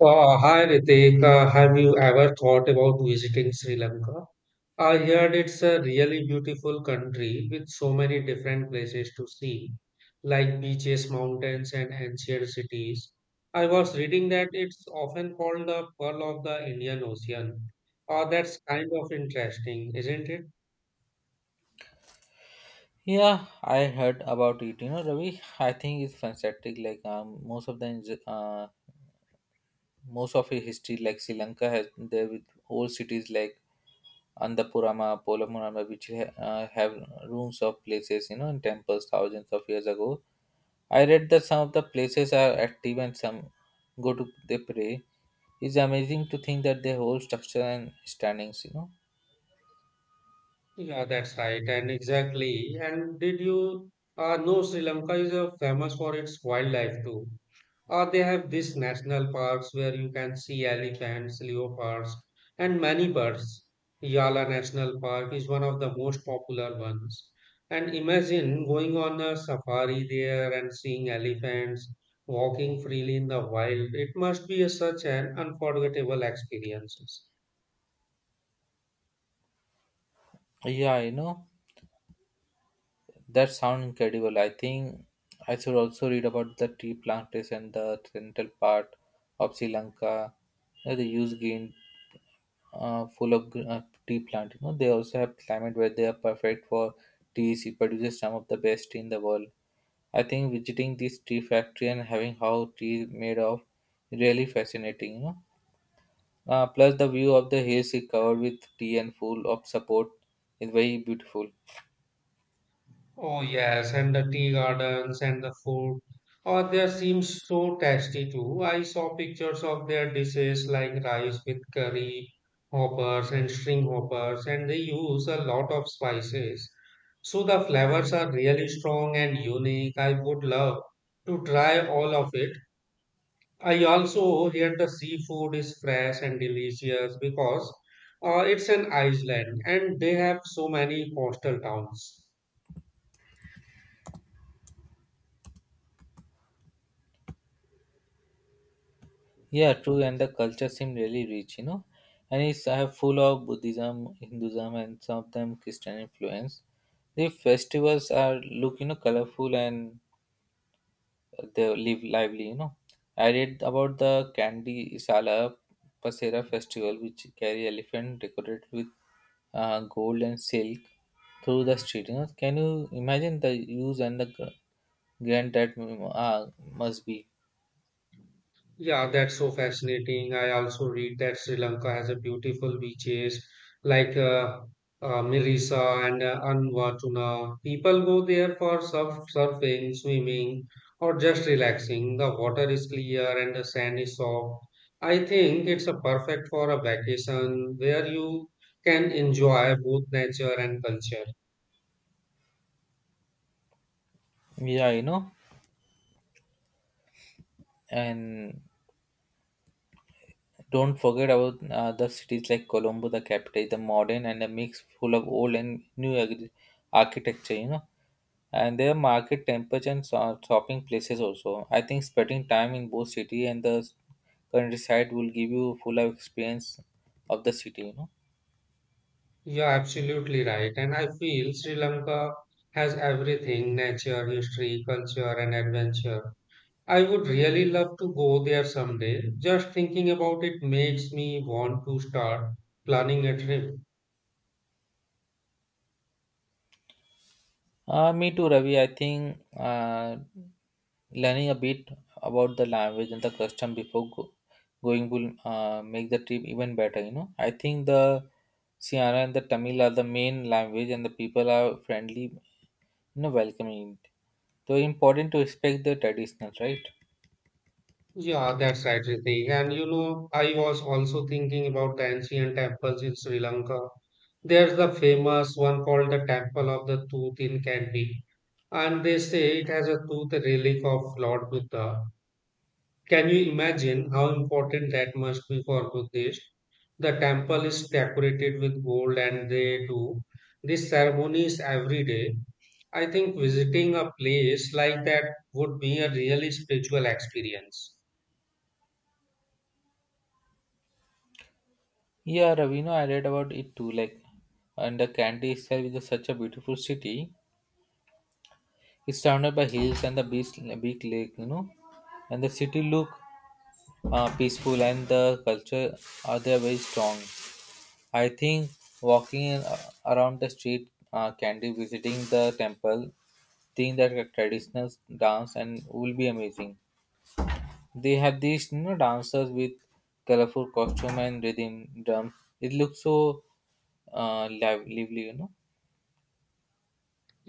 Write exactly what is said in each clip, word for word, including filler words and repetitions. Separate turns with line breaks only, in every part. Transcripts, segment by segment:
Uh, hi Ritik, Uh, have you ever thought about visiting Sri Lanka? I heard it's a really beautiful country with so many different places to see, like beaches, mountains, and ancient cities. I was reading that it's often called the Pearl of the Indian Ocean. Uh, that's kind of interesting, isn't it?
Yeah, I heard about it. You know, Ravi, I think it's fantastic. Like um, most of the ins- uh, most of the history, like Sri Lanka has there with old cities like Andapurama, Polamurama, which ha- uh, have rooms of places, you know, and temples thousands of years ago. I read that some of the places are active and some go to they pray. It's amazing to think that they hold structure and standings. You know,
Yeah, that's right, and exactly. And did you uh, know Sri Lanka is uh, famous for its wildlife too? Or they have these national parks where you can see elephants, leopards, and many birds. Yala National Park is one of the most popular ones. And imagine going on a safari there and seeing elephants walking freely in the wild. It must be a, such an unforgettable experience.
yeah, you know. That sounds incredible. I think I should also read about the tea plantation, the central part of Sri Lanka, uh, the huge green uh, full of gr- uh, tea plant. You know, they also have climate where they are perfect for teas. It produces some of the best tea in the world. I think visiting this tea factory and having how tea is made of really fascinating. You know, uh, plus the view of the hills is covered with tea and full of support is very beautiful.
Oh yes, and the tea gardens and the food. Oh, they seem so tasty too. I saw pictures of their dishes like rice with curry hoppers and string hoppers, and they use a lot of spices. So the flavors are really strong and unique. I would love to try all of it. I also hear the seafood is fresh and delicious because uh, it's an island and they have so many coastal towns.
Yeah, true, and the culture seem really rich, you know, and it's uh, full of Buddhism, Hinduism, and some of them Christian influence. The festivals are look, you know, colorful and they live lively, you know. I read about the Candy Isala Pasera festival, which carry elephant decorated with uh, gold and silk through the street. You know, can you imagine the use and the gr- grand that mm, uh, must be?
Yeah, that's so fascinating. I also read that Sri Lanka has a beautiful beaches like uh, uh, Mirisa and uh, Anwatuna. People go there for surf, surfing, swimming, or just relaxing. The water is clear and the sand is soft. I think it's a perfect for a vacation where you can enjoy both nature and culture.
Yeah, you know, and don't forget about uh, the cities like Colombo, the capital, is a modern and a mix full of old and new agri- architecture, you know. And there are market, temples, and so- shopping places also. I think spending time in both city and the countryside will give you full of experience of the city, you know.
You're absolutely right, and I feel Sri Lanka has everything: nature, history, culture, and adventure. I would really love to go there someday. Just thinking about it makes me want to start planning a trip.
Uh, me too, Ravi. I think uh, learning a bit about the language and the custom before go- going will uh, make the trip even better. You know, I think the Sierra and the Tamil are the main language, and the people are friendly, you know, welcoming. So important to respect the traditional, right?
Yeah, that's right, Ritik. And you know, I was also thinking about the ancient temples in Sri Lanka. There's the famous one called the Temple of the Tooth in Kandy, and they say it has a tooth relic of Lord Buddha. Can you imagine how important that must be for Buddhists? The temple is decorated with gold and they do these ceremonies every day. I think visiting a place like that would be a really spiritual experience.
Yeah, Ravi. You I read about it too. Like, and the Kandy itself is such a beautiful city. It's surrounded by hills and the beach, big lake, you know, and the city look uh, peaceful and the culture are there very strong. I think walking in, uh, around the street, uh, Candy, visiting the temple, seeing that traditional dance and will be amazing. They have these you know dancers with colorful costume and rhythm drums. It looks so uh, live- lively, you know.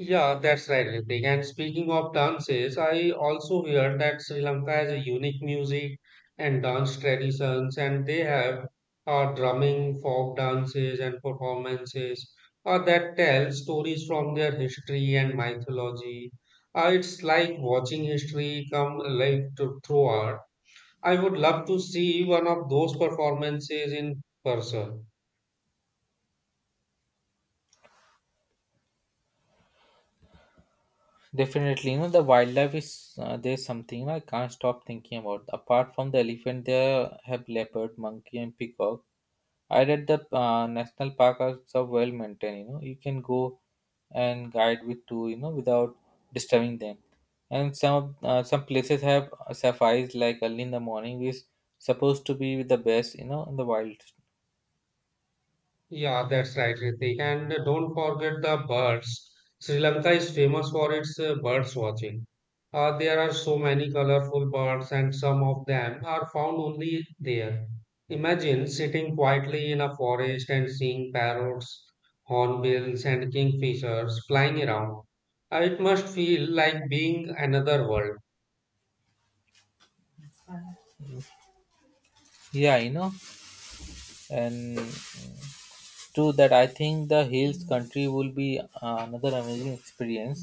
Yeah, that's right, Ritik. And speaking of dances, I also heard that Sri Lanka has a unique music and dance traditions, and they have uh, drumming, folk dances, and performances uh, that tell stories from their history and mythology. Uh, it's like watching history come alive to, through art. I would love to see one of those performances in person.
Definitely, you know the wildlife is uh, there's something you know, I can't stop thinking about. Apart from the elephant, there have leopard, monkey, and peacock. I read the uh, national park are so well maintained. You know you can go and guide with two. You know without disturbing them. And some uh, some places have safaris like early in the morning, which is supposed to be the best. You know in the wild.
Yeah, that's right, Ritik. And don't forget the birds. Sri Lanka is famous for its uh, birds watching. Uh, there are so many colorful birds, and some of them are found only there. Imagine sitting quietly in a forest and seeing parrots, hornbills, and kingfishers flying around. Uh, It must feel like being another world.
Yeah, you know, and to that I think the hills country will be uh, another amazing experience.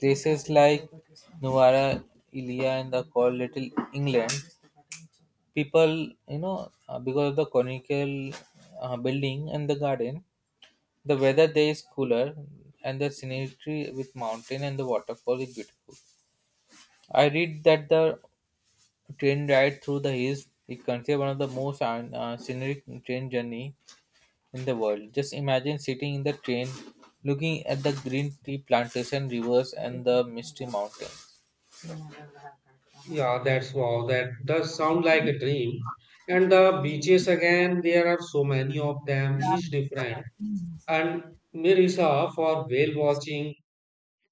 Places like Nuwara Elia and the called Little England, people, you know, uh, because of the conical uh, building and the garden, the weather there is cooler and the scenery with mountain and the waterfall is beautiful. I read that the train ride through the hills is considered one of the most uh, uh, scenic train journey in the world. Just imagine sitting in the train, looking at the green tea plantation, rivers, and the misty mountain.
Yeah, that's wow. That does sound like a dream. And the beaches again, there are so many of them, each different and Mirisa for whale watching,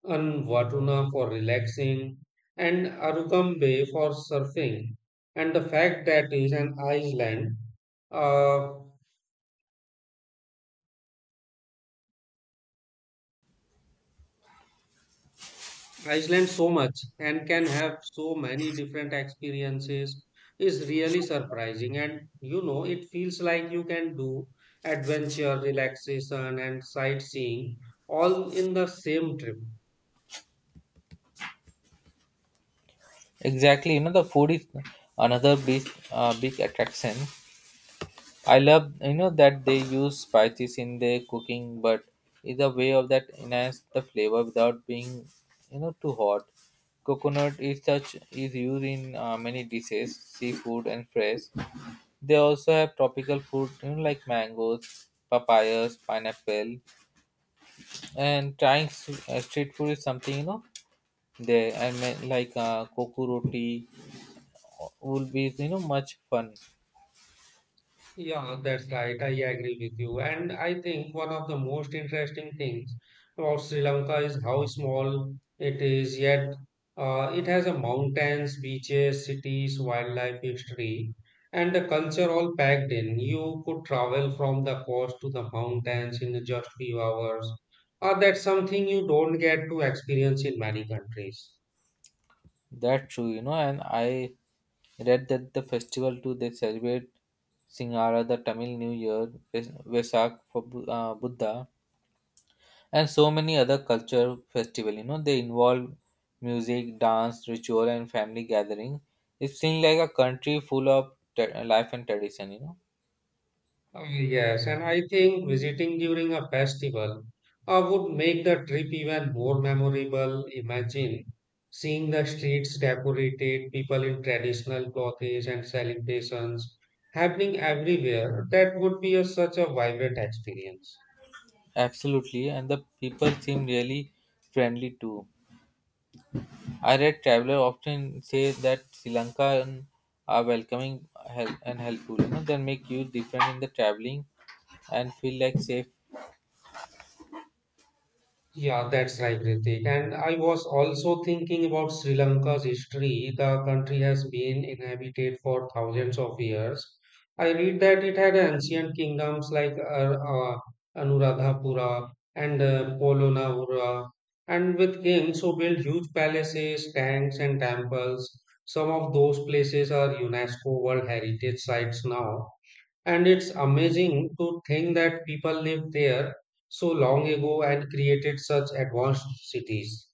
and Watuna for relaxing, and Arukam Bay for surfing. And the fact that is an island, uh, Iceland so much and can have so many different experiences is really surprising. And you know, it feels like you can do adventure, relaxation, and sightseeing all in the same trip.
Exactly, you know the food is another big uh, big attraction. I love you know that they use spices in their cooking, but is a way of that enhance the flavor without being you know too hot. Coconut is such is used in uh, many dishes, seafood and fresh. They also have tropical fruit you know, like mangoes, papayas, pineapple, and trying s- uh, street food is something you know there and ma- like uh, coco roti would be you know much fun.
Yeah, that's right. I agree with you. And I think one of the most interesting things about Sri Lanka is how small it is, yet uh, it has a mountains, beaches, cities, wildlife history, and the culture all packed in. You could travel from the coast to the mountains in just few hours. Uh, that's something you don't get to experience in many countries.
That's true you know and I read that the festival too they celebrate Singara, the Tamil New Year, Ves- vesak for Bu- uh, buddha, and so many other culture festival. You know they involve music, dance, ritual, and family gathering. It seems like a country full of tra- life and tradition you know
Oh, yes, and I think visiting during a festival uh, would make the trip even more memorable. Imagine seeing the streets decorated, people in traditional clothes and celebrations happening everywhere. That would be a, such a vibrant experience.
Absolutely, and the people seem really friendly too. I read travelers often say that Sri Lankan are welcoming, hel- and helpful. You know, they make you different in the traveling and feel like safe.
Yeah, that's right, Ritik. And I was also thinking about Sri Lanka's history. The country has been inhabited for thousands of years. I read that it had ancient kingdoms like Ar- uh, Anuradhapura and uh, Polonahura, and with kings who built huge palaces, tanks, and temples. Some of those places are UNESCO World Heritage Sites now. And it's amazing to think that people lived there so long ago and created such advanced cities.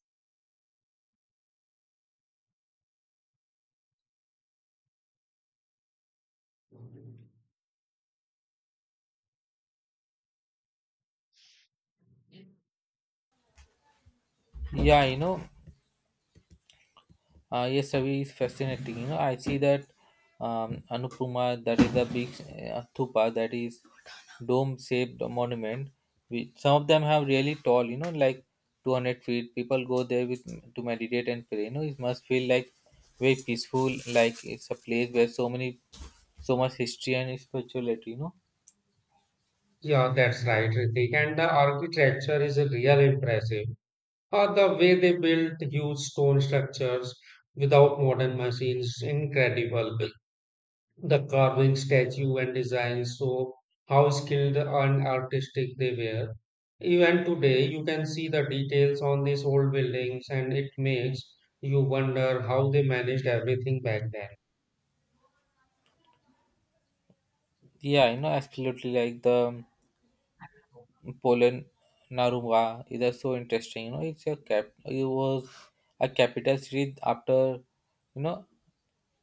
Yeah, you know, Uh, yes, Ravi is fascinating. You know, I see that um, Anupuma, that is the big uh, stupa, that is dome-shaped monument. We, some of them have really tall, you know, like two hundred feet. People go there with to meditate and pray. You know, it must feel like very peaceful, like it's a place where so many, so much history and spirituality. You know,
Yeah, that's right, Ritik. And the architecture is a real impressive. Uh, the way they built huge stone structures without modern machines, incredible. The carving, statue, and design show how skilled and artistic they were. Even today, you can see the details on these old buildings, and it makes you wonder how they managed everything back then.
yeah, you know, absolutely, like the um, Poland Narumba is also interesting. You know, it's a cap. It was a capital city after you know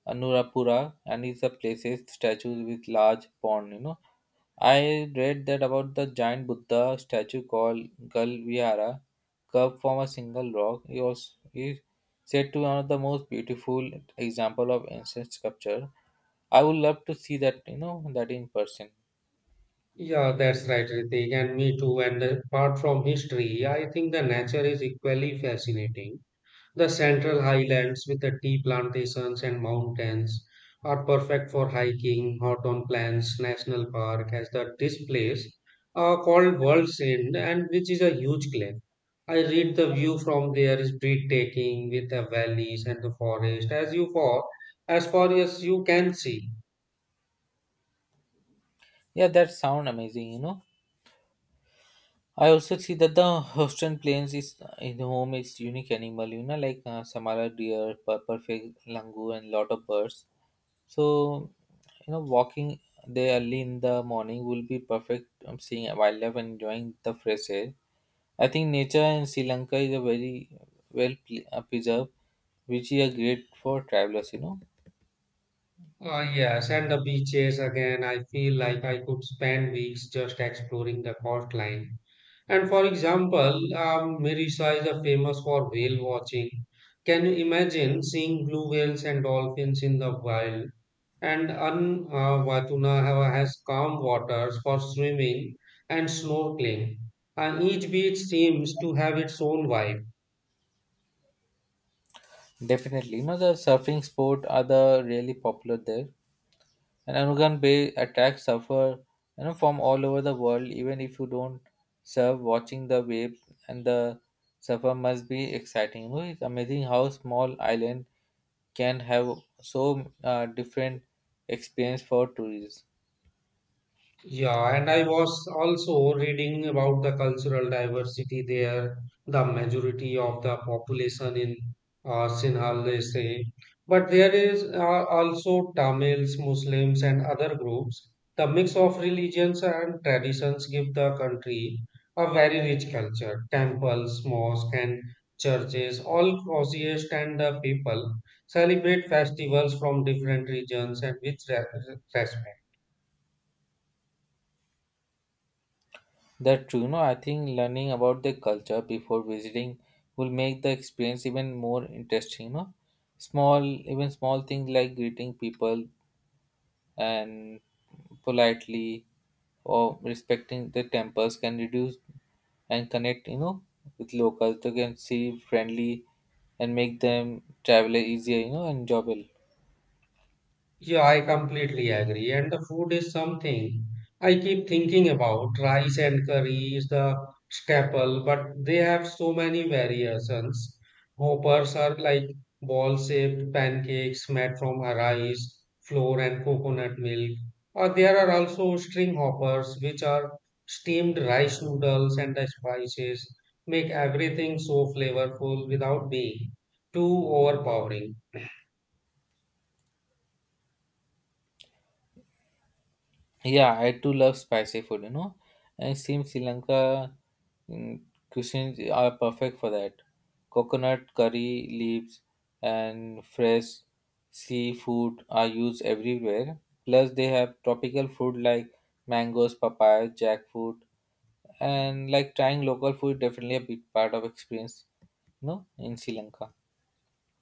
Anuradhapura, and it's a places statues with large pond. You know, I read that about the giant Buddha statue called Gal Vihara, carved from a single rock. It was is said to be one of the most beautiful example of ancient sculpture. I would love to see that. You know, that in person.
Yeah, that's right, Ritik, and me too. And apart from history, I think the nature is equally fascinating. The central highlands with the tea plantations and mountains are perfect for hiking. Hawthorne Plains National Park has the this place uh, called World's End and which is a huge glen. I read the view from there is breathtaking with the valleys and the forest as you far as far as you can see.
Yeah, that sound amazing. You know I also see that the Australian plains is in home is unique animal, you know, like uh, Samara deer, per- perfect langur, and lot of birds. So, you know, walking there early in the morning will be perfect. um, seeing wildlife and enjoying the fresh air. I think nature in Sri Lanka is a very well ple- uh, preserved, which is a great for travelers. You know,
Uh, yes, and the beaches again. I feel like I could spend weeks just exploring the coastline. And for example, um, Marissa is a famous for whale watching. Can you imagine seeing blue whales and dolphins in the wild? And An uh, Watuna have- has calm waters for swimming and snorkeling. And each beach seems to have its own vibe.
Definitely. You know, the surfing sport are the really popular there. And Anugan Bay attacks suffer you know from all over the world. Even if you don't surf, watching the waves and the surfer must be exciting. You know, it's amazing how small island can have so uh, different experience for tourists.
Yeah, and I was also reading about the cultural diversity there. The majority of the population in uh, Sinhala, they say. But there is uh, also Tamils, Muslims, and other groups. The mix of religions and traditions give the country a very rich culture. Temples, mosques, and churches all coexist, and the people celebrate festivals from different regions and with re- respect.
That's true, no. I think learning about the culture before visiting will make the experience even more interesting. No, small even small things like greeting people and politely or respecting the temples can reduce and connect you know with locals. They can see friendly and make them travel easier, you know enjoyable.
Yeah, I completely agree. And the food is something I keep thinking about. Rice and curry is the staple, but they have so many variations. Hoppers are like ball-shaped pancakes made from a rice, flour, and coconut milk. Or there are also string hoppers, which are steamed rice noodles, and the spices make everything so flavorful without being too overpowering.
Yeah, I too love spicy food, you know. And it seems Sri Lanka mm, cuisines are perfect for that. Coconut curry leaves and fresh seafood are used everywhere. Plus, they have tropical fruit like mangoes, papaya, jackfruit, and like trying local food definitely a big part of experience, you know, in Sri Lanka.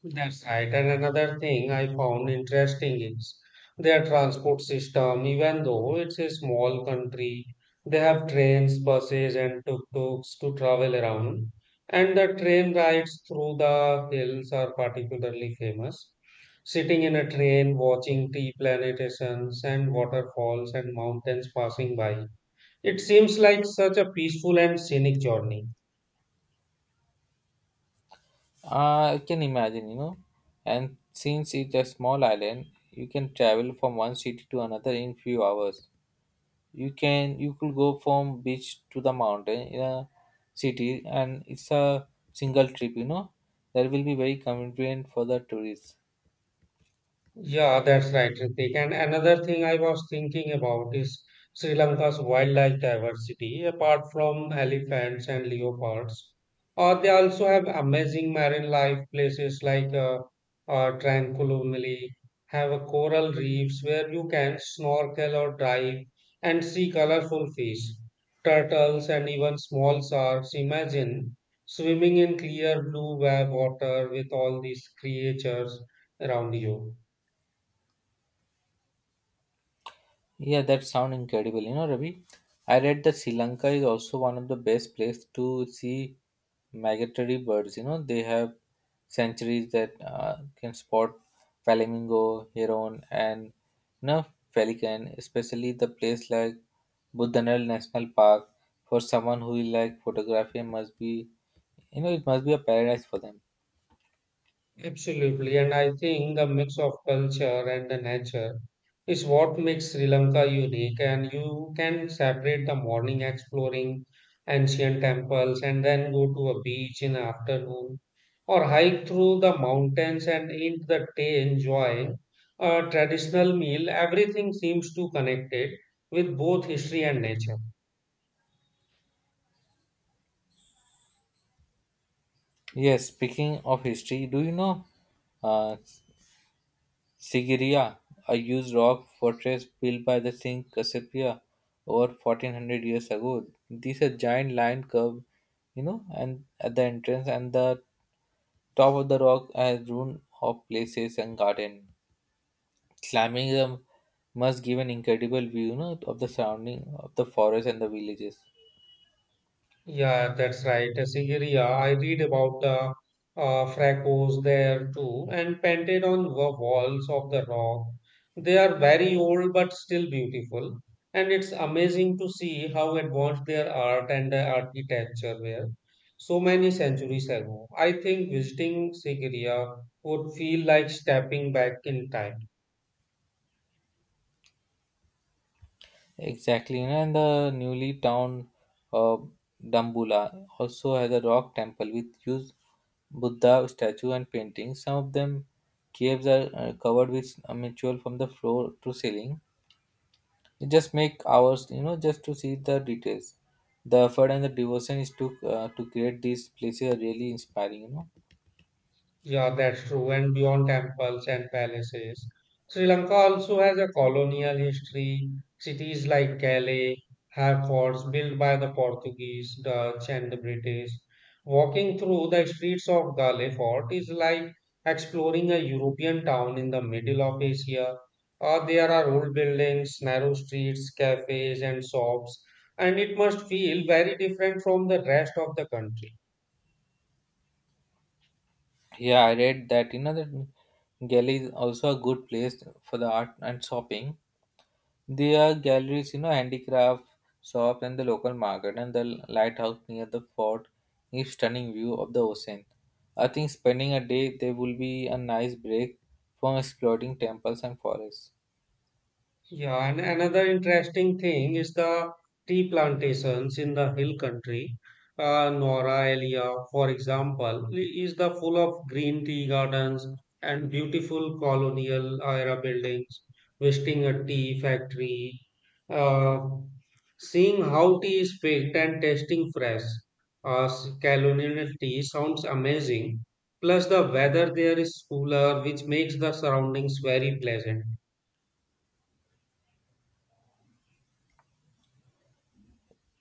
That's right. And another thing I found interesting is their transport system. Even though it's a small country, they have trains, buses, and tuk-tuks to travel around. And the train rides through the hills are particularly famous. Sitting in a train, watching tea plantations and waterfalls and mountains passing by. It seems like such a peaceful and scenic journey.
Uh, I can imagine, you know. And since it's a small island, you can travel from one city to another in few hours. You can you could go from beach to the mountain in a city, and it's a single trip. You know that will be very convenient for the tourists.
Yeah, that's right, Ritik. And another thing I was thinking about is Sri Lanka's wildlife diversity. Apart from elephants and leopards, uh, they also have amazing marine life places like uh, uh, Tranquilumili, have a coral reefs where you can snorkel or dive and see colorful fish, turtles, and even small sharks. Imagine swimming in clear blue wa- water with all these creatures around you.
Yeah, that sound incredible. You know, Ravi, I read that Sri Lanka is also one of the best place to see migratory birds. You know, they have sanctuaries that uh, can spot flamingo, heron, and you know, pelican. Especially the place like Budhanal National Park for someone who is like photography must be, you know, it must be a paradise for them.
Absolutely. And I think the mix of culture and the nature is what makes Sri Lanka unique. And you can separate the morning exploring ancient temples and then go to a beach in the afternoon or hike through the mountains and in the day enjoy a traditional meal. Everything seems to connected with both history and nature.
Yes, speaking of history, do you know? Uh, Sigiriya, a huge rock fortress built by the King Kasapia over fourteen hundred years ago. These are giant lion curve, you know, and at the entrance and the top of the rock has ruin of places and garden. Climbing them must give an incredible view, you know, of the surrounding of the forest and the villages.
Yeah, that's right. Sigiriya, I read about the uh, fracos there too, and painted on the walls of the rock. They are very old but still beautiful, and it's amazing to see how advanced their art and uh, architecture were so many centuries ago. I think visiting Sigiriya would feel like stepping back in time.
Exactly, you know, and the newly town uh, Dambula also has a rock temple with huge Buddha statue and paintings. Some of them caves are uh, covered with a ritual from the floor to ceiling. You just make hours, you know, just to see the details. The effort and the devotion is to uh, to create these places are really inspiring. You know,
Yeah, that's true. And beyond temples and palaces, Sri Lanka also has a colonial history. Cities like Calais have forts built by the Portuguese, Dutch, and the British. Walking through the streets of Gale Fort is like exploring a European town in the middle of Asia. Uh, there are old buildings, narrow streets, cafes, and shops, and it must feel very different from the rest of the country.
Yeah, I read that you know that Delhi is also a good place for the art and shopping. There are galleries, you know, handicraft shops, and the local market, and the lighthouse near the fort gives stunning view of the ocean. I think spending a day there will be a nice break from exploring temples and forests.
Yeah, and another interesting thing is the tea plantations in the hill country. Uh, Nora area, for example, i- is the full of green tea gardens and beautiful colonial era buildings. Visiting a tea factory, uh, seeing how tea is picked and tasting fresh, uh, s- colonial tea sounds amazing. Plus, the weather there is cooler, which makes the surroundings very pleasant.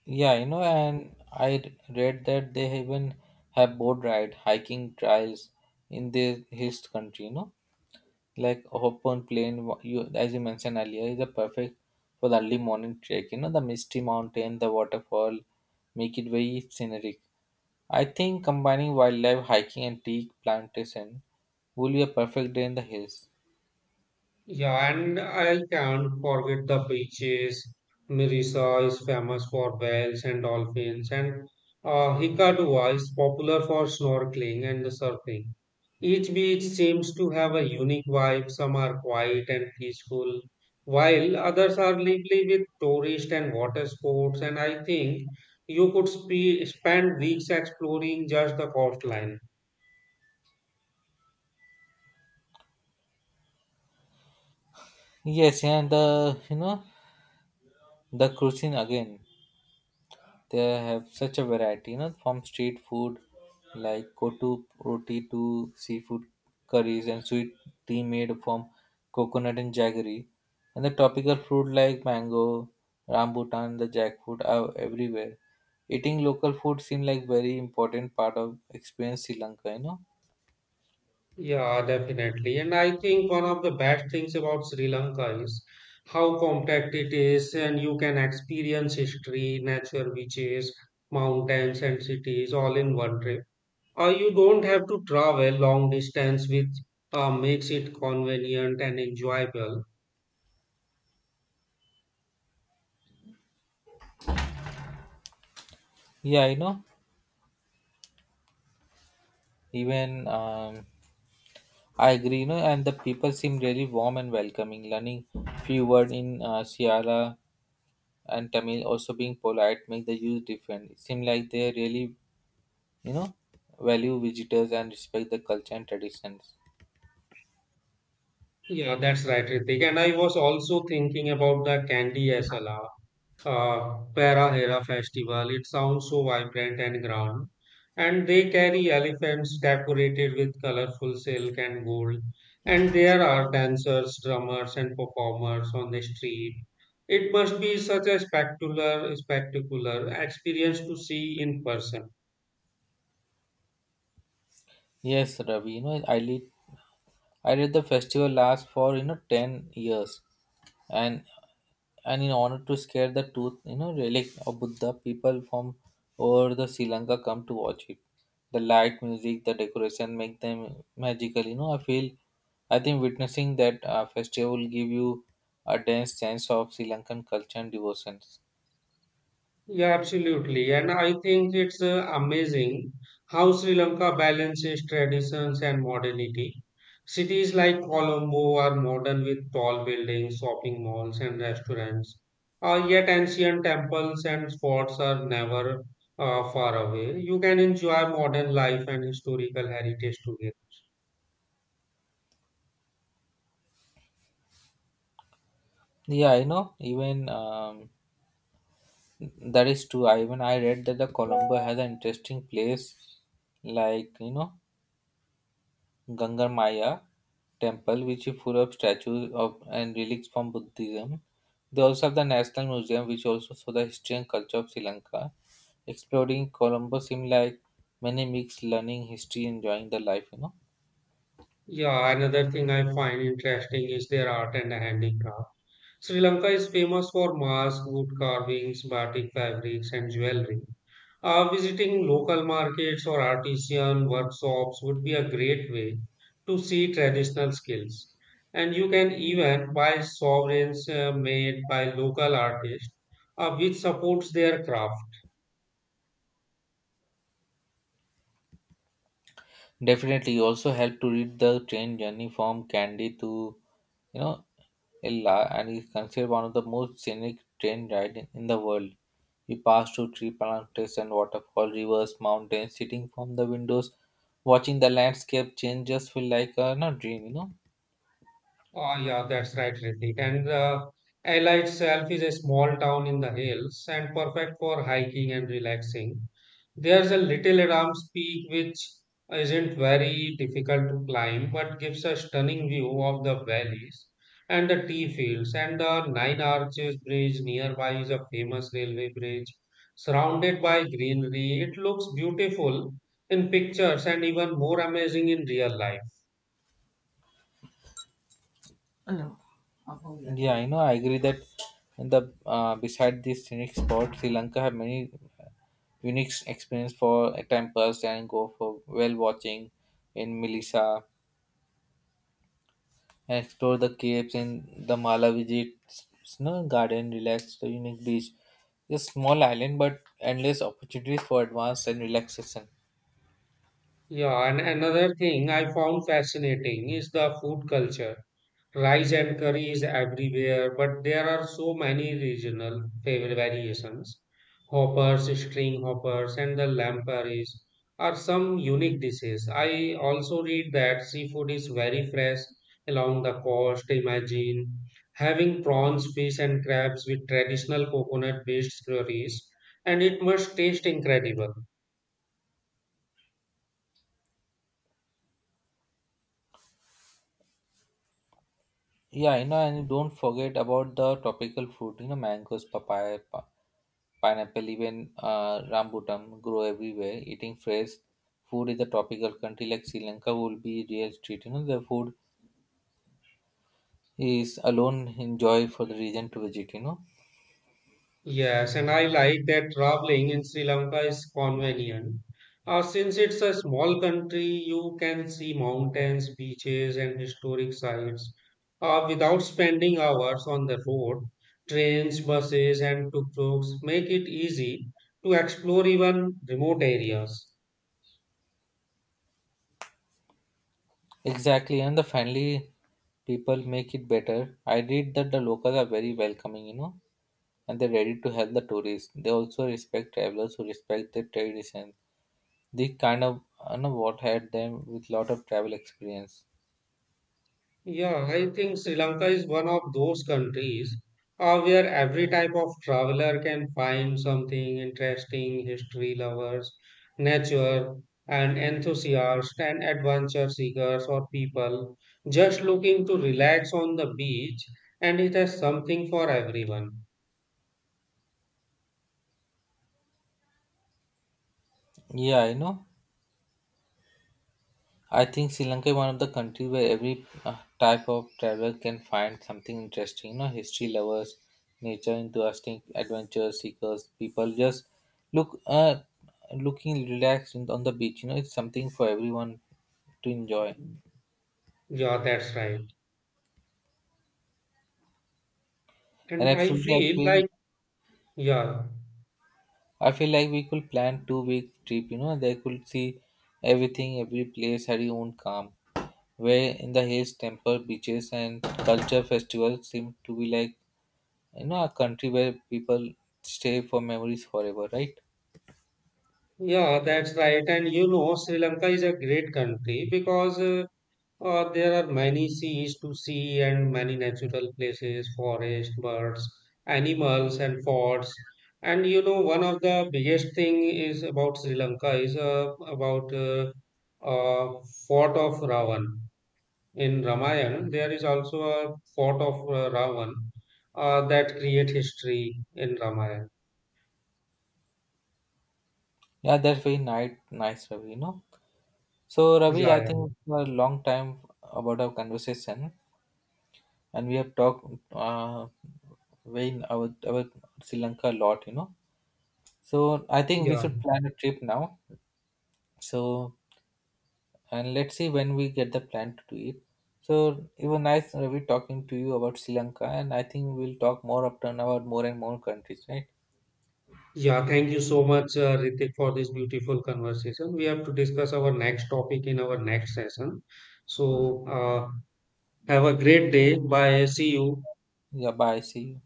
Yeah, you know, and I read that they even have boat ride, hiking trails in the his country, you know. Like open plain, wa- you as you mentioned earlier, is a perfect for the early morning trek. You know the misty mountain, the waterfall, make it very scenic. I think combining wildlife hiking and tea plantation will be a perfect day in the hills.
Yeah, and I can't forget the beaches. Mirissa is famous for whales and dolphins, and uh, Hikkaduwa is popular for snorkeling and surfing. Each beach seems to have a unique vibe. Some are quiet and peaceful, while others are lively with tourist and water sports. And I think you could spe spend weeks exploring just the coastline.
Yes, and the you know the cruising again. They have such a variety, you know, from street food like kotu roti to seafood curries and sweet tea made from coconut and jaggery. And the tropical fruit like mango, rambutan, the jackfruit are everywhere. Eating local food seems like very important part of experience Sri Lanka, you know.
Yeah, definitely. And I think one of the best things about Sri Lanka is how compact it is, and you can experience history, natural beaches, mountains, and cities all in one trip. Or you don't have to travel long distance, which uh, makes it convenient and enjoyable.
Yeah, you know, even um, I agree, you know, and the people seem really warm and welcoming. Learning few words in uh, Sierra and Tamil also being polite make the use different. It seems like they really, you know, value visitors and respect the culture and traditions.
Yeah, that's right, Ritik. And I was also thinking about the Candy Asala uh, Para Hera festival. It sounds so vibrant and grand. And they carry elephants decorated with colorful silk and gold. And there are dancers, drummers, and performers on the street. It must be such a spectacular, spectacular experience to see in person.
Yes, Ravi, you know, I did I did the festival last for you know ten years, and and in order to scare the tooth you know relic of Buddha, people from over the Sri Lanka come to watch it. The light, music, the decoration make them magical. You know, I feel I think witnessing that uh, festival will give you a dense sense of Sri Lankan culture and devotions.
Yeah, absolutely. And I think it's uh, amazing how Sri Lanka balances traditions and modernity. Cities like Colombo are modern with tall buildings, shopping malls, and restaurants. Uh, yet ancient temples and forts are never uh, far away. You can enjoy modern life and historical heritage together.
Yeah, I know. Even um, that is true. I even I read that the Colombo has an interesting place, like you know. Gangar Maya temple, which is full of statues of and relics from Buddhism. They also have the National Museum, which also show the history and culture of Sri Lanka. Exploring Colombo seemed like many mixed learning, history, enjoying the life, you know.
Yeah, another thing I find interesting is their art and handicraft. Sri Lanka is famous for masks, wood carvings, batik fabrics, and jewelry. Uh, visiting local markets or artisan workshops would be a great way to see traditional skills. And you can even buy sovereigns uh, made by local artists, uh, which supports their craft.
Definitely, you also help to read the train journey from Kandy to you know Ella, and is considered one of the most scenic train ride in, in the world. You pass through tree plantations and waterfall, rivers, mountains. Sitting from the windows, watching the landscape change, just feel like a not dream, you know.
Oh, yeah, that's right, Ritik. And uh, Ella itself is a small town in the hills and perfect for hiking and relaxing. There's a little Adams Peak which isn't very difficult to climb but gives a stunning view of the valleys and the tea fields. And the Nine Arches Bridge nearby is a famous railway bridge surrounded by greenery. It looks beautiful in pictures and even more amazing in real life.
Yeah, you know, I agree that in the uh, beside this scenic spot, Sri Lanka have many unique experience for temples and go for whale watching in Melissa. And explore the caves in the Mala visits no garden, relax the unique beach. A small island, but endless opportunities for advance and relaxation.
Yeah, and another thing I found fascinating is the food culture. Rice and curry is everywhere, but there are so many regional favorite variations. Hoppers, string hoppers, and the lamb are some unique dishes. I also read that seafood is very fresh along the coast. Imagine having prawns, fish, and crabs with traditional coconut-based curries, and it must taste incredible.
Yeah, you know, and don't forget about the tropical fruit. You know, mangoes, papaya, pa- pineapple, even uh, rambutan grow everywhere. Eating fresh food in the tropical country like Sri Lanka will be real treat. You know, the food is alone enjoy for the region to visit, you know.
Yes, and I like that traveling in Sri Lanka is convenient. Uh, since it's a small country, you can see mountains, beaches, and historic sites uh, without spending hours on the road. Trains, buses, and tuk-tuks make it easy to explore even remote areas.
Exactly, and the friendly people make it better. I read that the locals are very welcoming, you know, and they're ready to help the tourists. They also respect travelers who respect their tradition. They kind of, you know, what had them with lot of travel experience.
Yeah, I think Sri Lanka is one of those countries uh, where every type of traveler can find something interesting, history lovers, nature, and enthusiasts, and adventure seekers or people just looking to relax on the beach, and it has something for everyone.
Yeah, you know, I think Sri Lanka is one of the countries where every uh, type of traveler can find something interesting. You know, history lovers, nature enthusiasts, adventure seekers, people just look uh, looking relaxed in, on the beach. You know, it's something for everyone to enjoy.
Yeah, that's right.
And
And I
absolutely, I
feel
feel
like, yeah,
I feel like we could plan two week trip. You know, they could see everything, every place had its own calm. Where in the hills, temple, beaches, and culture festivals seem to be like, you know, a country where people stay for memories forever, right?
yeah, that's right. And you know, Sri Lanka is a great country because uh, Uh, there are many seas to see and many natural places, forests, birds, animals, and forts. And you know, one of the biggest thing is about Sri Lanka is uh, about uh, uh, fort of Ravan. In Ramayana, there is also a fort of uh, Ravan uh, that create history in Ramayana.
Yeah, that's very nice nice, Ravi, you know. So Ravi, I
Yeah, yeah,
think for a long time about our conversation, and we have talked, uh very about, about Sri Lanka a lot, you know. So I think we
yeah.
should plan a trip now. So and let's see when we get the plan to do it. So it was nice, Ravi, talking to you about Sri Lanka, and I think we'll talk more often about more and more countries, right?
Yeah, thank you so much, uh, Ritik, for this beautiful conversation. We have to discuss our next topic in our next session. So, uh, have a great day. Bye. See you.
Yeah, bye. See you.